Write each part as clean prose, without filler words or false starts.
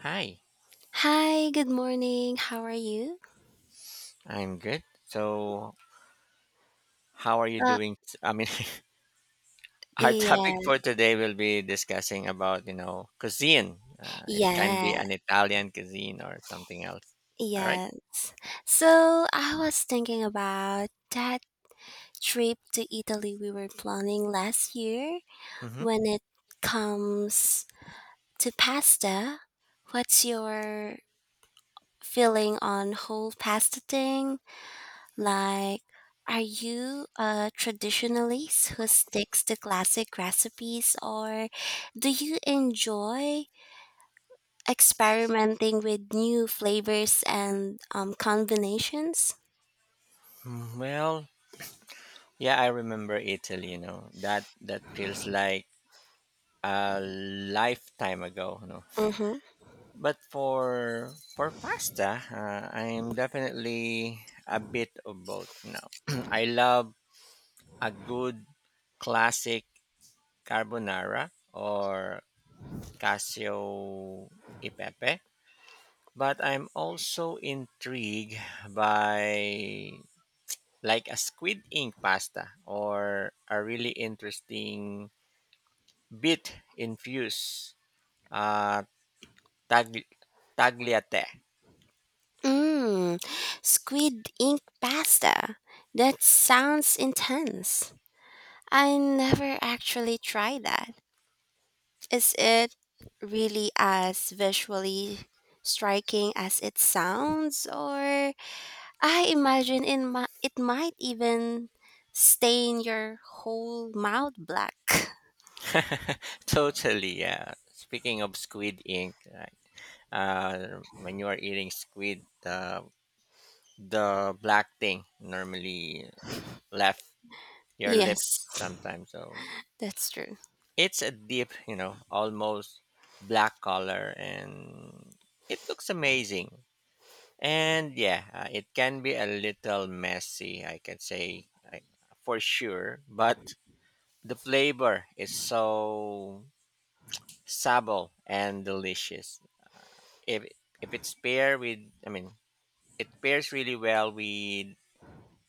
Hi, Hi, good morning. How are you? I'm good. So, how are you Uh, doing? I mean, our topic yeah, for today will be discussing about cuisine. It can be yeah, an Italian cuisine or something else. All right? yes. So I was thinking about that trip to Italy we were planning last year. Mm-hmm. When it comes to pasta, what's your feeling on whole pasta thing? Like, are you a traditionalist who sticks to classic recipes, or do you enjoy experimenting with new flavors and combinations. Well, yeah, I remember Italy. That feels like a lifetime ago. Mm-hmm. But for pasta, I am definitely a bit of both, you I love a good classic carbonara or casio e pepe. But I'm also intrigued by like a squid ink pasta or a really interesting beet infused uh, tag- tagliate. Mm, squid ink pasta. That sounds intense. I never actually tried that. Is it really as visually striking as it sounds, or I imagine in my, it might even stain your whole mouth black. Totally, yeah. Speaking of squid ink, right? When you are eating squid, the black thing normally left your Yes, lips sometimes. So that's true. it's a deep, almost black color and it looks amazing. And yeah, it can be a little messy, I can say I, for sure, but the flavor is so subtle and delicious. If if it's paired with, I mean, it pairs really well with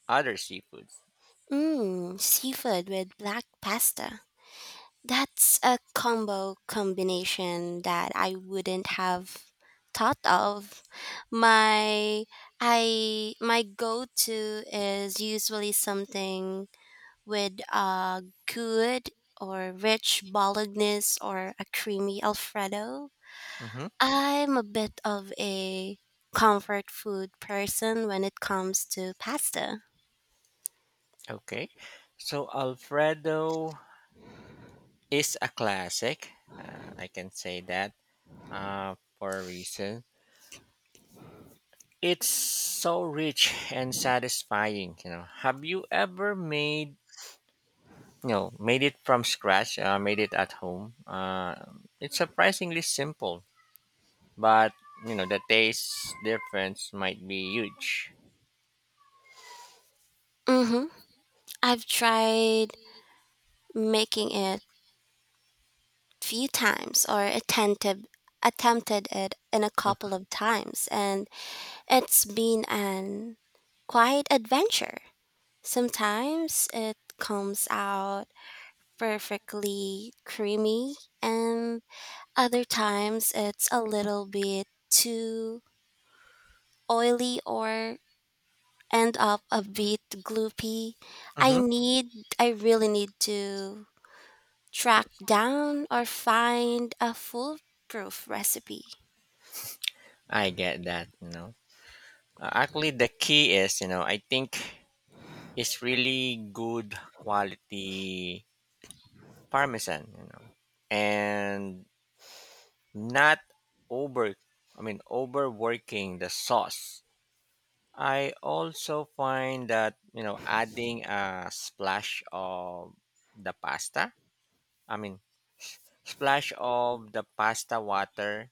other seafoods. Mmm, seafood with black pasta. That's a combo combination that I wouldn't have thought of. My I my go-to is usually something with a good or rich bolognese or a creamy alfredo. Hmm. I'm a bit of a comfort food person when it comes to pasta. Okay, so Alfredo is a classic. I can say that for a reason. It's so rich and satisfying. Have you ever made made it from scratch? Made it at home. It's surprisingly simple, but the taste difference might be huge. Mm-hmm. I've tried making it few times, or attentive attempted it in a couple of times, and it's been an quiet adventure. Sometimes it comes out perfectly creamy and other times it's a little bit too oily or end up a bit gloopy. I Mm-hmm. need I really need to track down or find a foolproof recipe. I get that. Actually, the key is, I think it's really good quality parmesan, and not over I mean overworking the sauce. I also find that adding a splash of the pasta, I mean, splash of the pasta water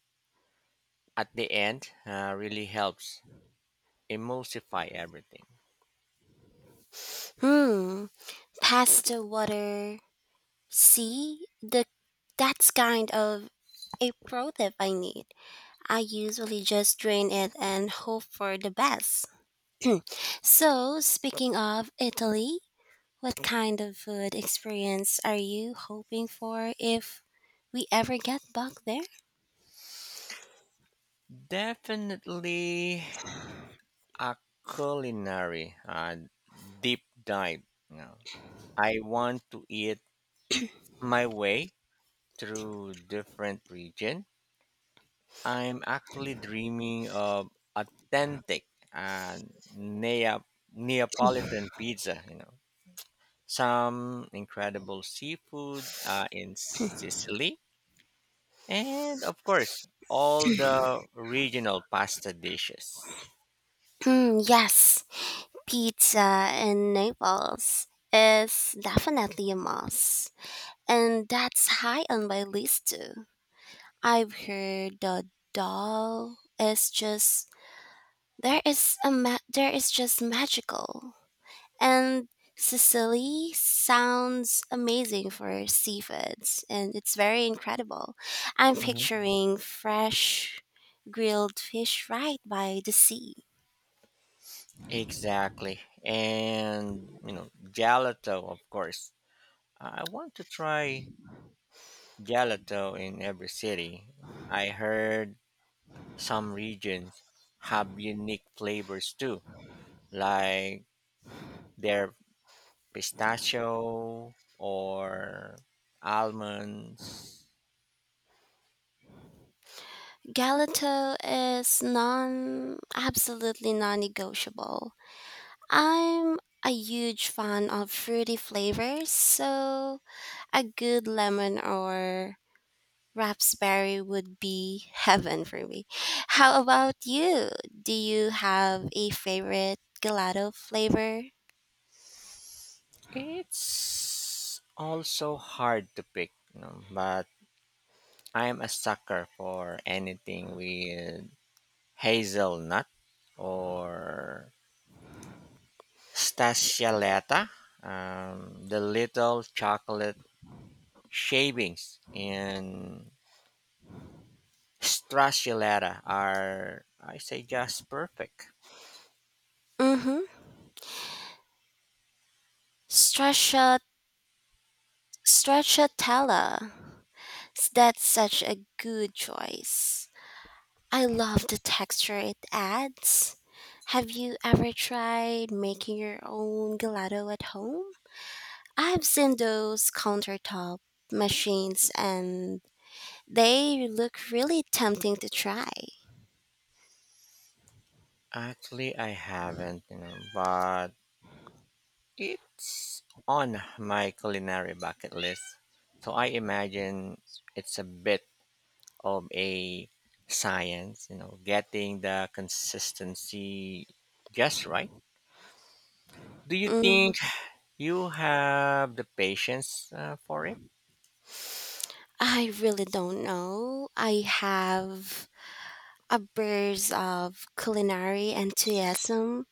at the end really helps emulsify everything. Hmm, pasta water. See, the that's kind of a pro tip I need. I usually just drain it and hope for the best. So, speaking of Italy, what kind of food experience are you hoping for if we ever get back there? Definitely a culinary deep dive. you know I want to eat my way through different regions. I'm actually dreaming of authentic and Neapolitan pizza, some incredible seafood in Sicily, and of course, all the regional pasta dishes. Hmm, yes, pizza in Naples is definitely a must. And that's high on my list too. I've heard the doll is just there is a there is just magical. And Sicily sounds amazing for seafoods and it's very incredible. I'm Hmm. picturing fresh grilled fish right by the sea. Exactly. And gelato, of course. I want to try gelato in every city. I heard some regions have unique flavors too, like their pistachio or almonds. Galato is non absolutely non-negotiable. I'm a huge fan of fruity flavors, so a good lemon or raspberry would be heaven for me. How about you? Do you have a favorite gelato flavor? It's also hard to pick, but I'm a sucker for anything with hazelnut or stachiolata, the little chocolate shavings in Stracciatella are, I say, just perfect. Mm-hmm. Straccia, stracciatella. That's such a good choice. I love the texture it adds. Have you ever tried making your own gelato at home? I've seen those countertop machines and they look really tempting to try. Actually, I haven't, but it's on my culinary bucket list. So I imagine it's a bit of a science, getting the consistency just right. Do you think Mm, you have the patience for it? I really don't know. I have a burst of culinary enthusiasm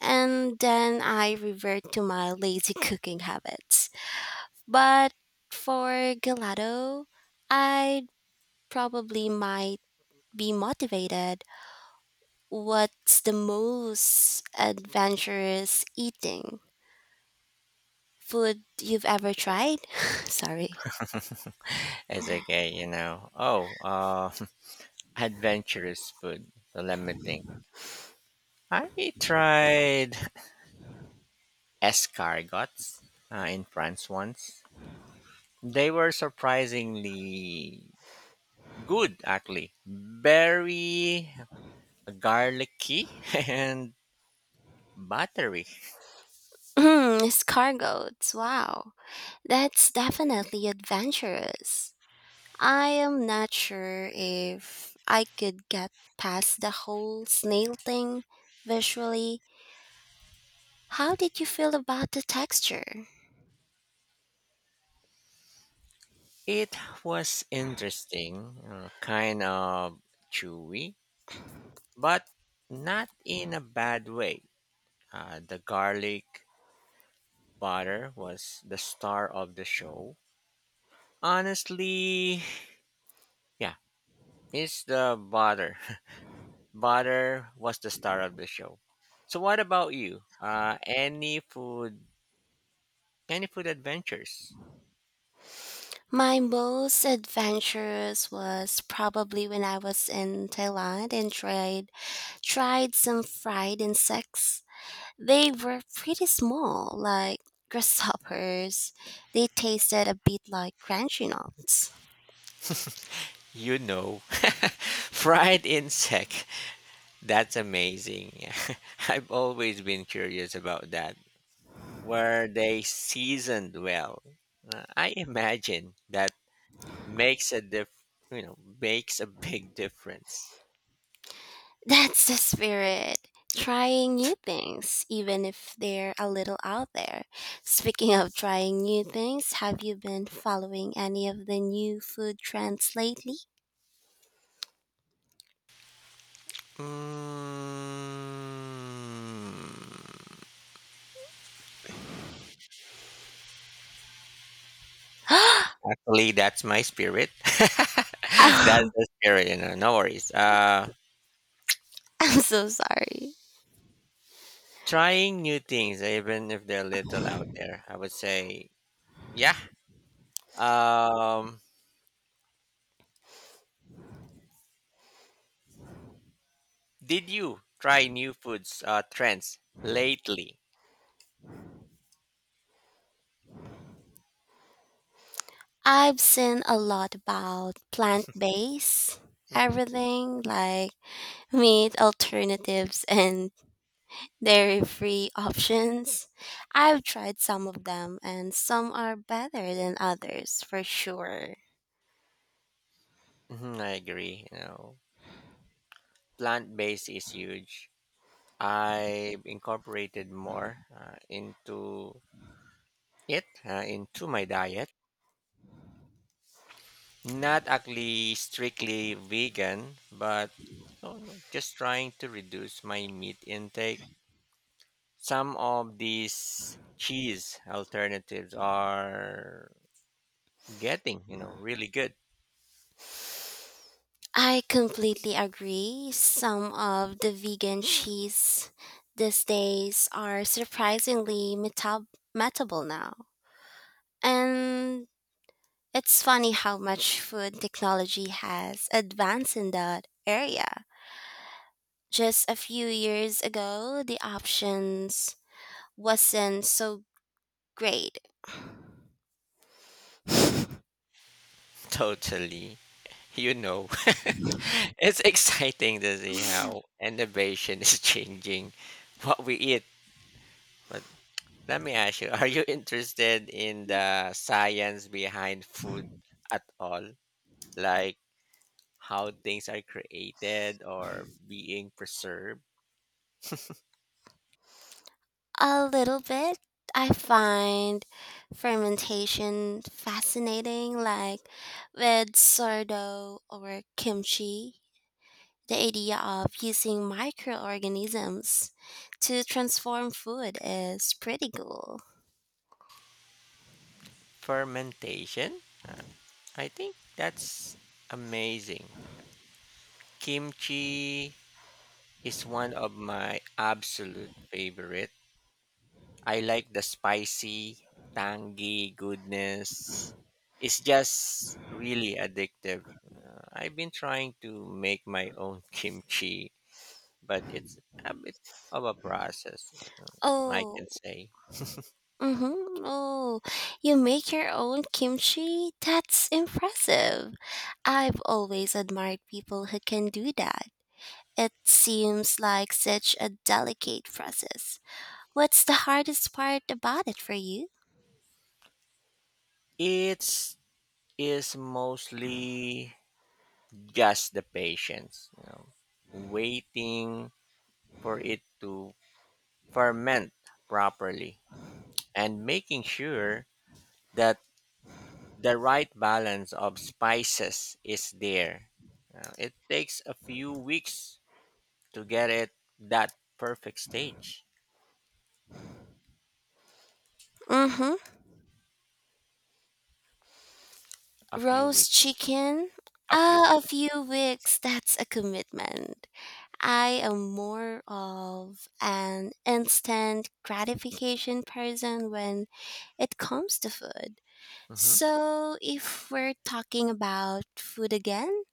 and then I revert to my lazy cooking habits. But for gelato, I probably might be motivated. What's the most adventurous eating food you've ever tried? Sorry. It's okay. Oh, adventurous food. So let me think. I tried escargots in France once. They were surprisingly good, actually. Very garlicky and buttery. Mm, escargots. Wow. That's definitely adventurous. I am not sure if I could get past the whole snail thing visually. How did you feel about the texture? It was interesting, kind of chewy, but not in a bad way. The garlic butter was the star of the show. Honestly, yeah, it's the butter. Butter was the star of the show. So what about you? Any food adventures? My most adventurous was probably when I was in Thailand and tried some fried insects. They were pretty small, like grasshoppers. They tasted a bit like crunchy nuts. You know, Fried insect. That's amazing. I've always been curious about that. Were they seasoned well? I imagine that makes a diff, makes a big difference. That's the spirit. Trying new things, even if they're a little out there. Speaking of trying new things, have you been following any of the new food trends lately? Mm. Actually, that's my spirit. That's Oh, the spirit. No worries. I'm so sorry. Trying new things, even if they're little out there. I would say, yeah. Um, did you try new foods trends lately? I've seen a lot about plant based Hmm. everything, like meat alternatives and dairy free options. I've tried some of them and some are better than others for sure. I agree. Plant based is huge. I incorporated more into my diet. Not actually strictly vegan, but no, no, just trying to reduce my meat intake. Some of these cheese alternatives are getting, really good. I completely agree. Some of the vegan cheese these days are surprisingly metable now. And it's funny how much food technology has advanced in that area. Just a few years ago, the options wasn't so great. Totally. You know, it's exciting to see how innovation is changing what we eat. But let me ask you, are you interested in the science behind food at all? Like how things are created or being preserved? A little bit. I find fermentation fascinating, like with sourdough or kimchi. The idea of using microorganisms to transform food is pretty cool. Fermentation? I think that's amazing. Kimchi is one of my absolute favorite. I like the spicy, tangy goodness. It's just really addictive. I've been trying to make my own kimchi, but it's a bit of a process, I Oh, can say. mm-hmm. Oh, you make your own kimchi? That's impressive. I've always admired people who can do that. It seems like such a delicate process. What's the hardest part about it for you? It's is mostly just the patience, waiting for it to ferment properly and making sure that the right balance of spices is there. It takes a few weeks to get it that perfect stage. Mm-hmm. A few weeks. Roast chicken? A few. Ah, a few weeks. That's a commitment. I am more of an instant gratification person when it comes to food. Mhm. So, if we're talking about food again,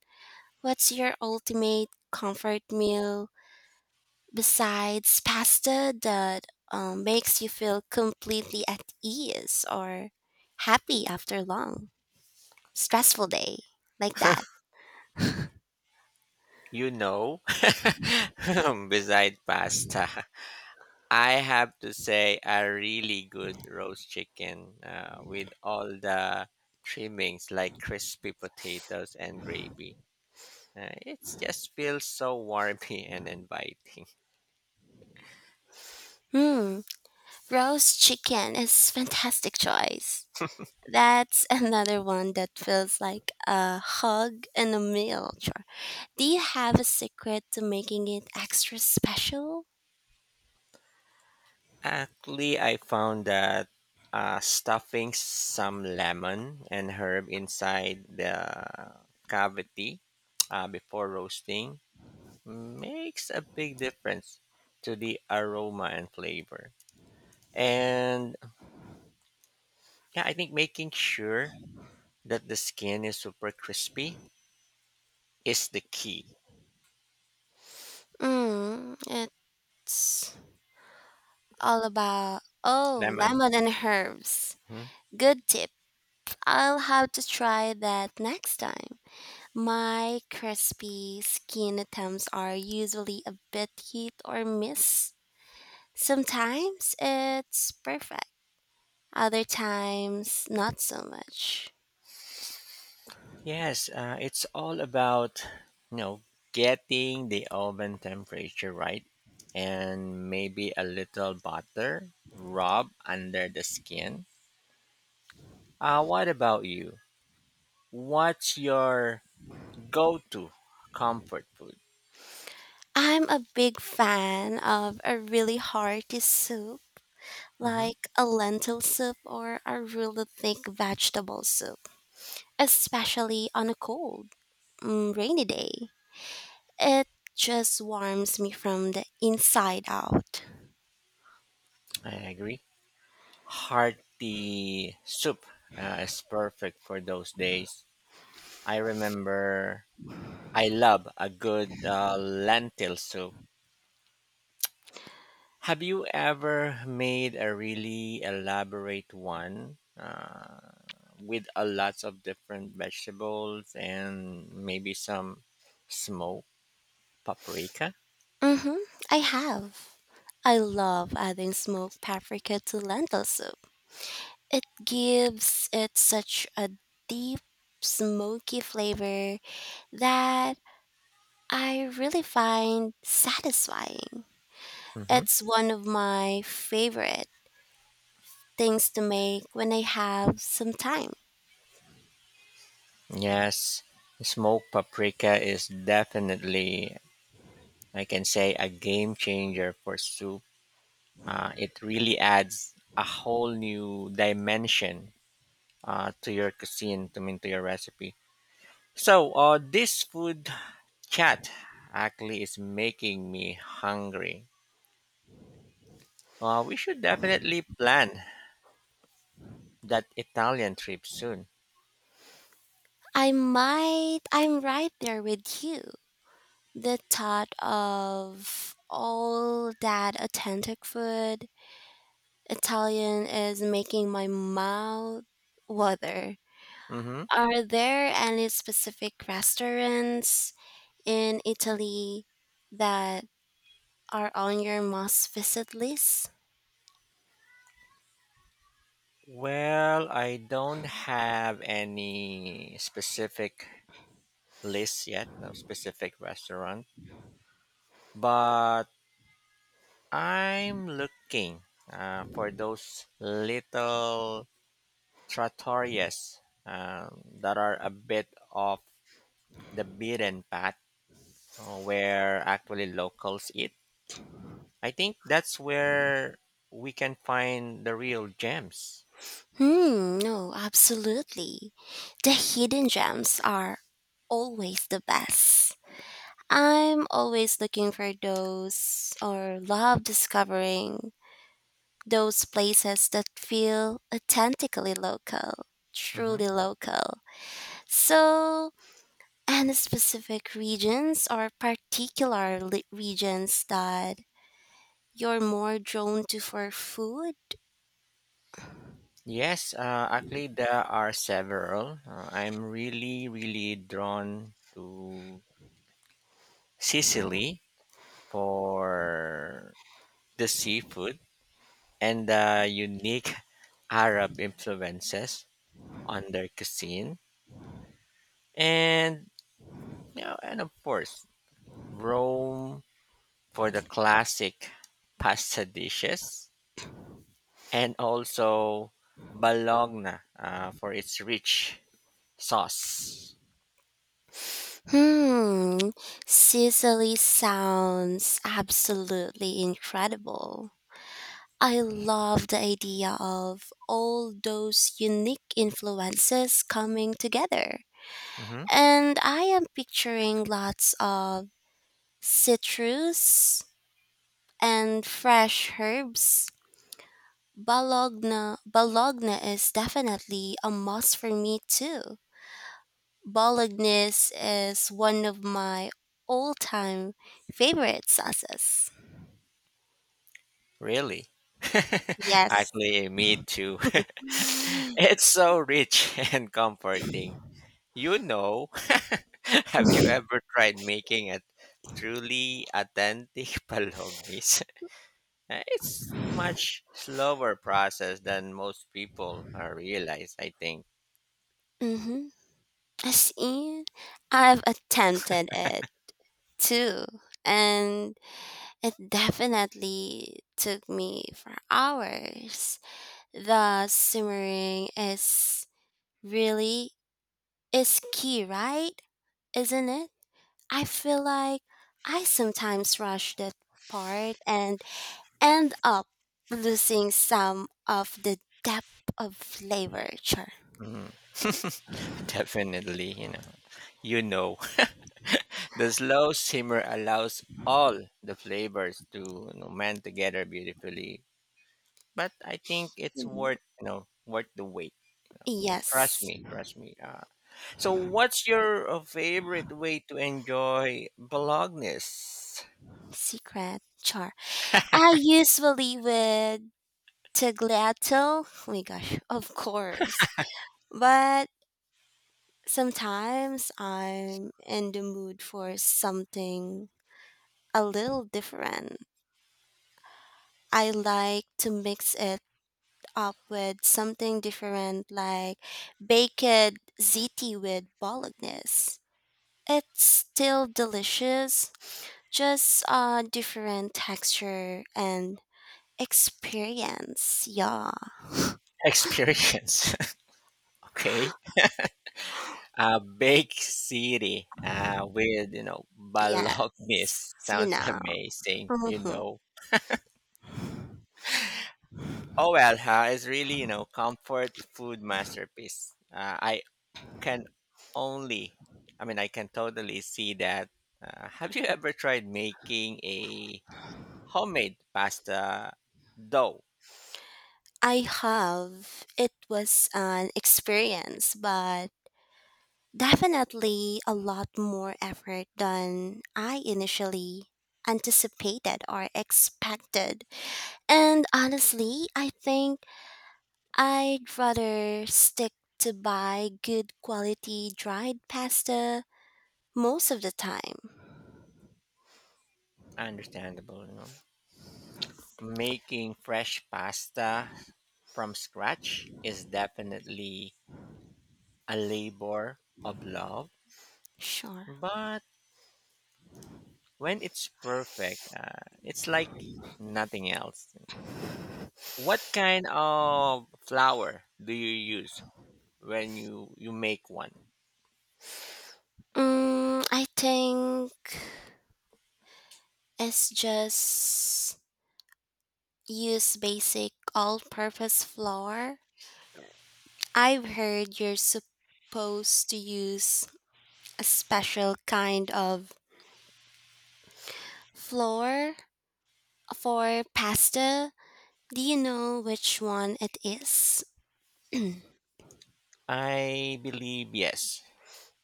what's your ultimate comfort meal besides pasta that makes you feel completely at ease or happy after a long, stressful day like that. You know, Beside pasta, I have to say a really good roast chicken with all the trimmings like crispy potatoes and gravy. It just feels so warmy and inviting. Hmm, roast chicken is fantastic choice. That's another one that feels like a hug and a meal. Sure. Do you have a secret to making it extra special? Actually, I found that stuffing some lemon and herb inside the cavity before roasting makes a big difference to the aroma and flavor. And yeah, I think making sure that the skin is super crispy is the key. Mm, it's all about oh, Lemon. lemon and herbs. Mhm. Good tip I'll have to try that next time. My crispy skin attempts are usually a bit hit or miss. Sometimes it's perfect, other times not so much. Yes, it's all about you know getting the oven temperature right, and maybe a little butter rub under the skin. What about you? What's your go-to comfort food? I'm a big fan of a really hearty soup, hmm like a lentil soup or a really thick vegetable soup, especially on a cold, mm, rainy day. It just warms me from the inside out. I agree. Hearty soup is perfect for those days. I remember I love a good lentil soup. Have you ever made a really elaborate one with a lots of different vegetables and maybe some smoked paprika? Mm-hmm, I have. I love adding smoked paprika to lentil soup. It gives it such a deep, smoky flavor that I really find satisfying. hmm It's one of my favorite things to make when I have some time. Yes, smoked paprika is definitely, I can say, a game changer for soup. It really adds a whole new dimension to your cuisine, to, mean, to your recipe. So, this food chat actually is making me hungry. We should definitely plan that Italian trip soon. I'm right there with you. The thought of all that authentic food Italian is making my mouth water. hmm Are there any specific restaurants in Italy that are on your must visit list? Well, I don't have any specific list yet, no specific restaurant, but I'm looking for those little trattorias that are a bit off the beaten path where actually locals eat. I think that's where we can find the real gems. Hmm, no, absolutely. The hidden gems are always the best. I'm always looking for those or love discovering those places that feel authentically local, hmm truly local. So, and specific regions or particular regions that you're more drawn to for food? Yes, actually, there are several. I'm really, really drawn to Sicily for the seafood and the unique Arab influences on their cuisine. And, and of course, Rome for the classic pasta dishes and also Bologna for its rich sauce. Hmm, Sicily sounds absolutely incredible. I love the idea of all those unique influences coming together. hmm And I am picturing lots of citrus and fresh herbs. Bologna is definitely a must for me too. Bolognese is one of my all-time favorite sauces. Really? Yes. Actually, me too. It's so rich and comforting. You know, have you ever tried making a truly authentic bolognese? It's much slower process than most people realize, I think. Mm-hmm. I see. I've attempted it too, and it definitely took me for hours. The simmering is really is key, right? Isn't it? I feel like I sometimes rush that part and end up losing some of the depth of flavor char. Mhm. Definitely. You know, the slow simmer allows all the flavors to mend together beautifully. But I think it's You know, worth you know worth the wait. Trust yes, me, trust me. So, what's your favorite way to enjoy Bologna's secret char. I usually with tagliatelle. Oh my gosh, of course. But sometimes I'm in the mood for something a little different. I like to mix it up with something different like baked ziti with bolognese. It's still delicious, just a different texture and experience. Yeah. experience? Okay, Bake City with Yes. Bologna's You sounds know. amazing. Mhm. Oh well, it's really comfort food masterpiece. I can only, I mean, I can totally see that. Have you ever tried making a homemade pasta dough? I have. It was an experience, but definitely a lot more effort than I initially anticipated or expected. And honestly, I think I'd rather stick to buy good quality dried pasta most of the time. Understandable. Making fresh pasta from scratch is definitely a labor of love, Sure. but when it's perfect, it's like nothing else. What kind of flour do you use when you make one? Mm, I think it's just use basic all purpose flour. I've heard you're supposed to use a special kind of flour for pasta. Do you know which one it is? I believe yes.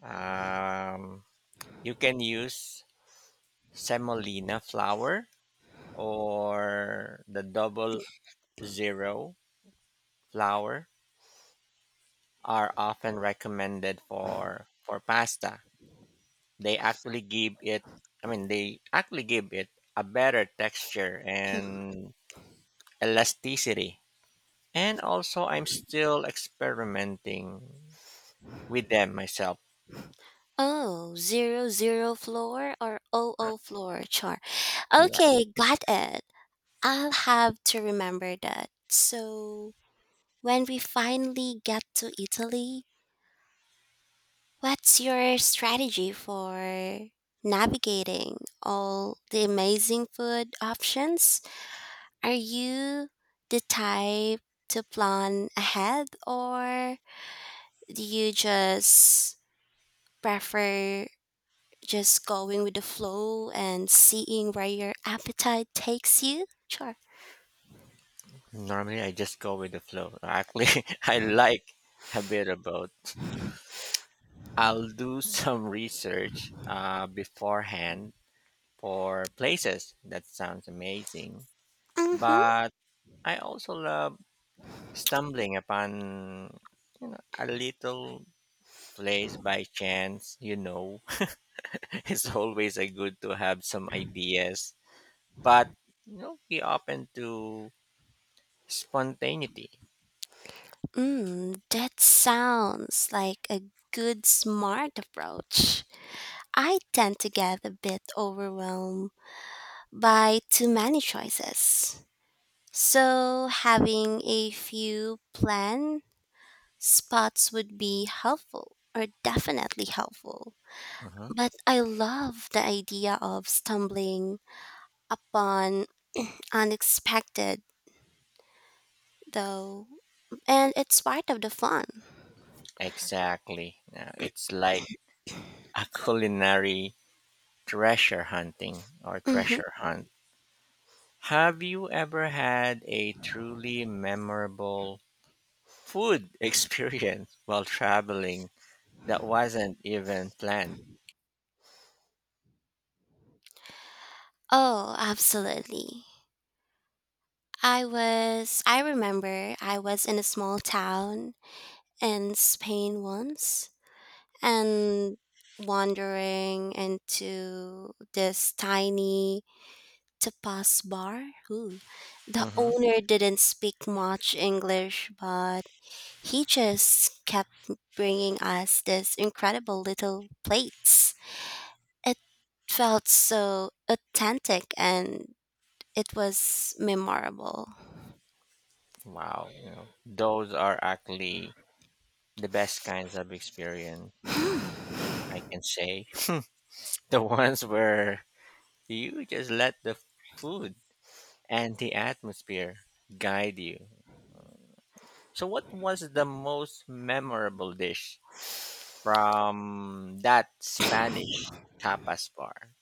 Um, you can use semolina flour or the double zero flour are often recommended for pasta. They actually give it a better texture and elasticity. And also I'm still experimenting with them myself. Oh, zero zero floor or O O floor chart. Yeah. Okay, got it. I'll have to remember that. So, when we finally get to Italy, what's your strategy for navigating all the amazing food options? Are you the type to plan ahead or do you just prefer just going with the flow and seeing where your appetite takes you? Sure. Normally I just go with the flow. Actually, I like a bit of both. I'll do some research beforehand for places. That sounds amazing. Mm-hmm. But I also love stumbling upon a little place by chance. It's always a good to have some ideas, but be open to spontaneity. Mm, that sounds like a good, smart approach. I tend to get a bit overwhelmed by too many choices. So, having a few plan spots would be helpful or definitely helpful. Uh-huh. But I love the idea of stumbling upon unexpected though, and it's part of the fun. Exactly. Yeah, it's like a culinary treasure hunting or treasure Hmm. hunt. Have you ever had a truly memorable food experience while traveling that wasn't even planned? Oh, absolutely. I remember I was in a small town in Spain once and wandering into this tiny tapas bar. Ooh. The hmm owner didn't speak much English, but he just kept bringing us this incredible little plates. It felt so authentic and it was memorable. Wow. Those are actually the best kinds of experience, I can say. The ones where you just let the food and the atmosphere guide you. So, what was the most memorable dish from that Spanish tapas bar?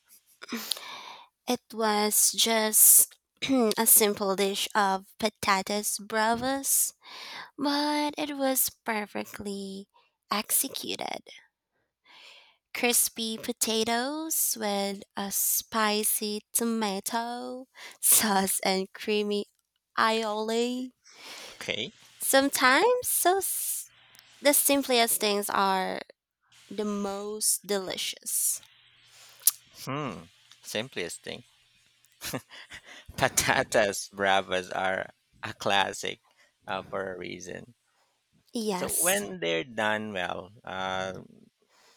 It was just a simple dish of patatas bravas, but it was perfectly executed. Crispy potatoes with a spicy tomato sauce and creamy aioli. Okay. Sometimes the simplest things are the most delicious? Hmm. Simplest thing. Patatas bravas are a classic for a reason. So, Yes, when they're done well,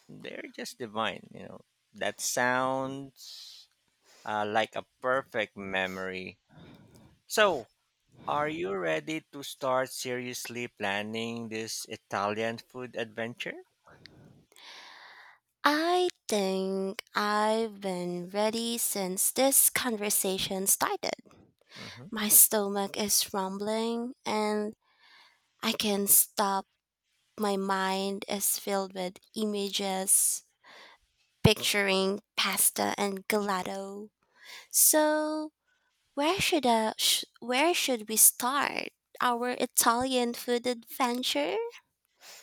they're just divine. That sounds like a perfect memory. So, are you ready to start seriously planning this Italian food adventure? I think I've been ready since this conversation started. Mhm. My stomach is rumbling and I can not stop. My mind is filled with images, picturing pasta and gelato. So, where should we start our Italian food adventure?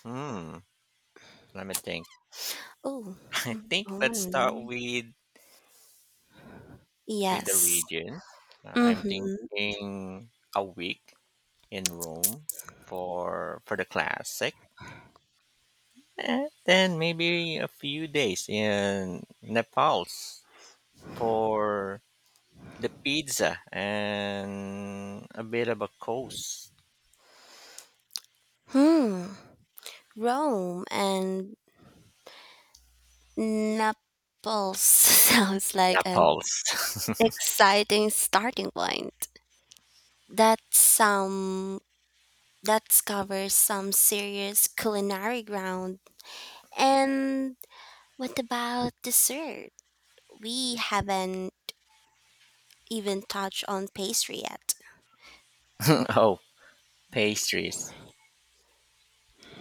Hmm. Let me think. Oh, I mm, think let's start mm, with the yes. regions. I'm Mhm. thinking a week in Rome for the classic, and then maybe a few days in Naples for the pizza and a bit of a coast. Hmm. Rome and Naples sounds like an Naples. exciting starting point. That some that covers some serious culinary ground. And what about dessert? We haven't even touched on pastry yet. Oh, pastries.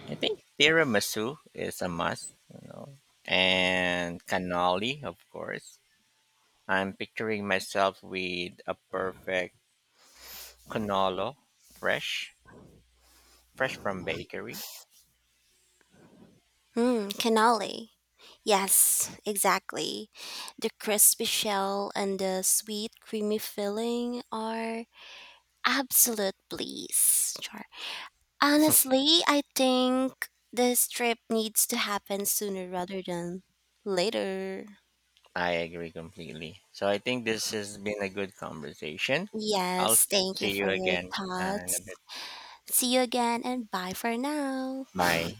I think tiramisu is a must, and cannoli, of course. I'm picturing myself with a perfect cannolo, fresh, fresh from bakery. Hmm, cannoli. Yes, exactly. The crispy shell and the sweet creamy filling are absolute bliss. Sure. Honestly, I think this trip needs to happen sooner rather than later. I agree completely. So I think this has been a good conversation. I'll Yes, thank you see for you your again in a thoughts. bit. See you again and bye for now. Bye.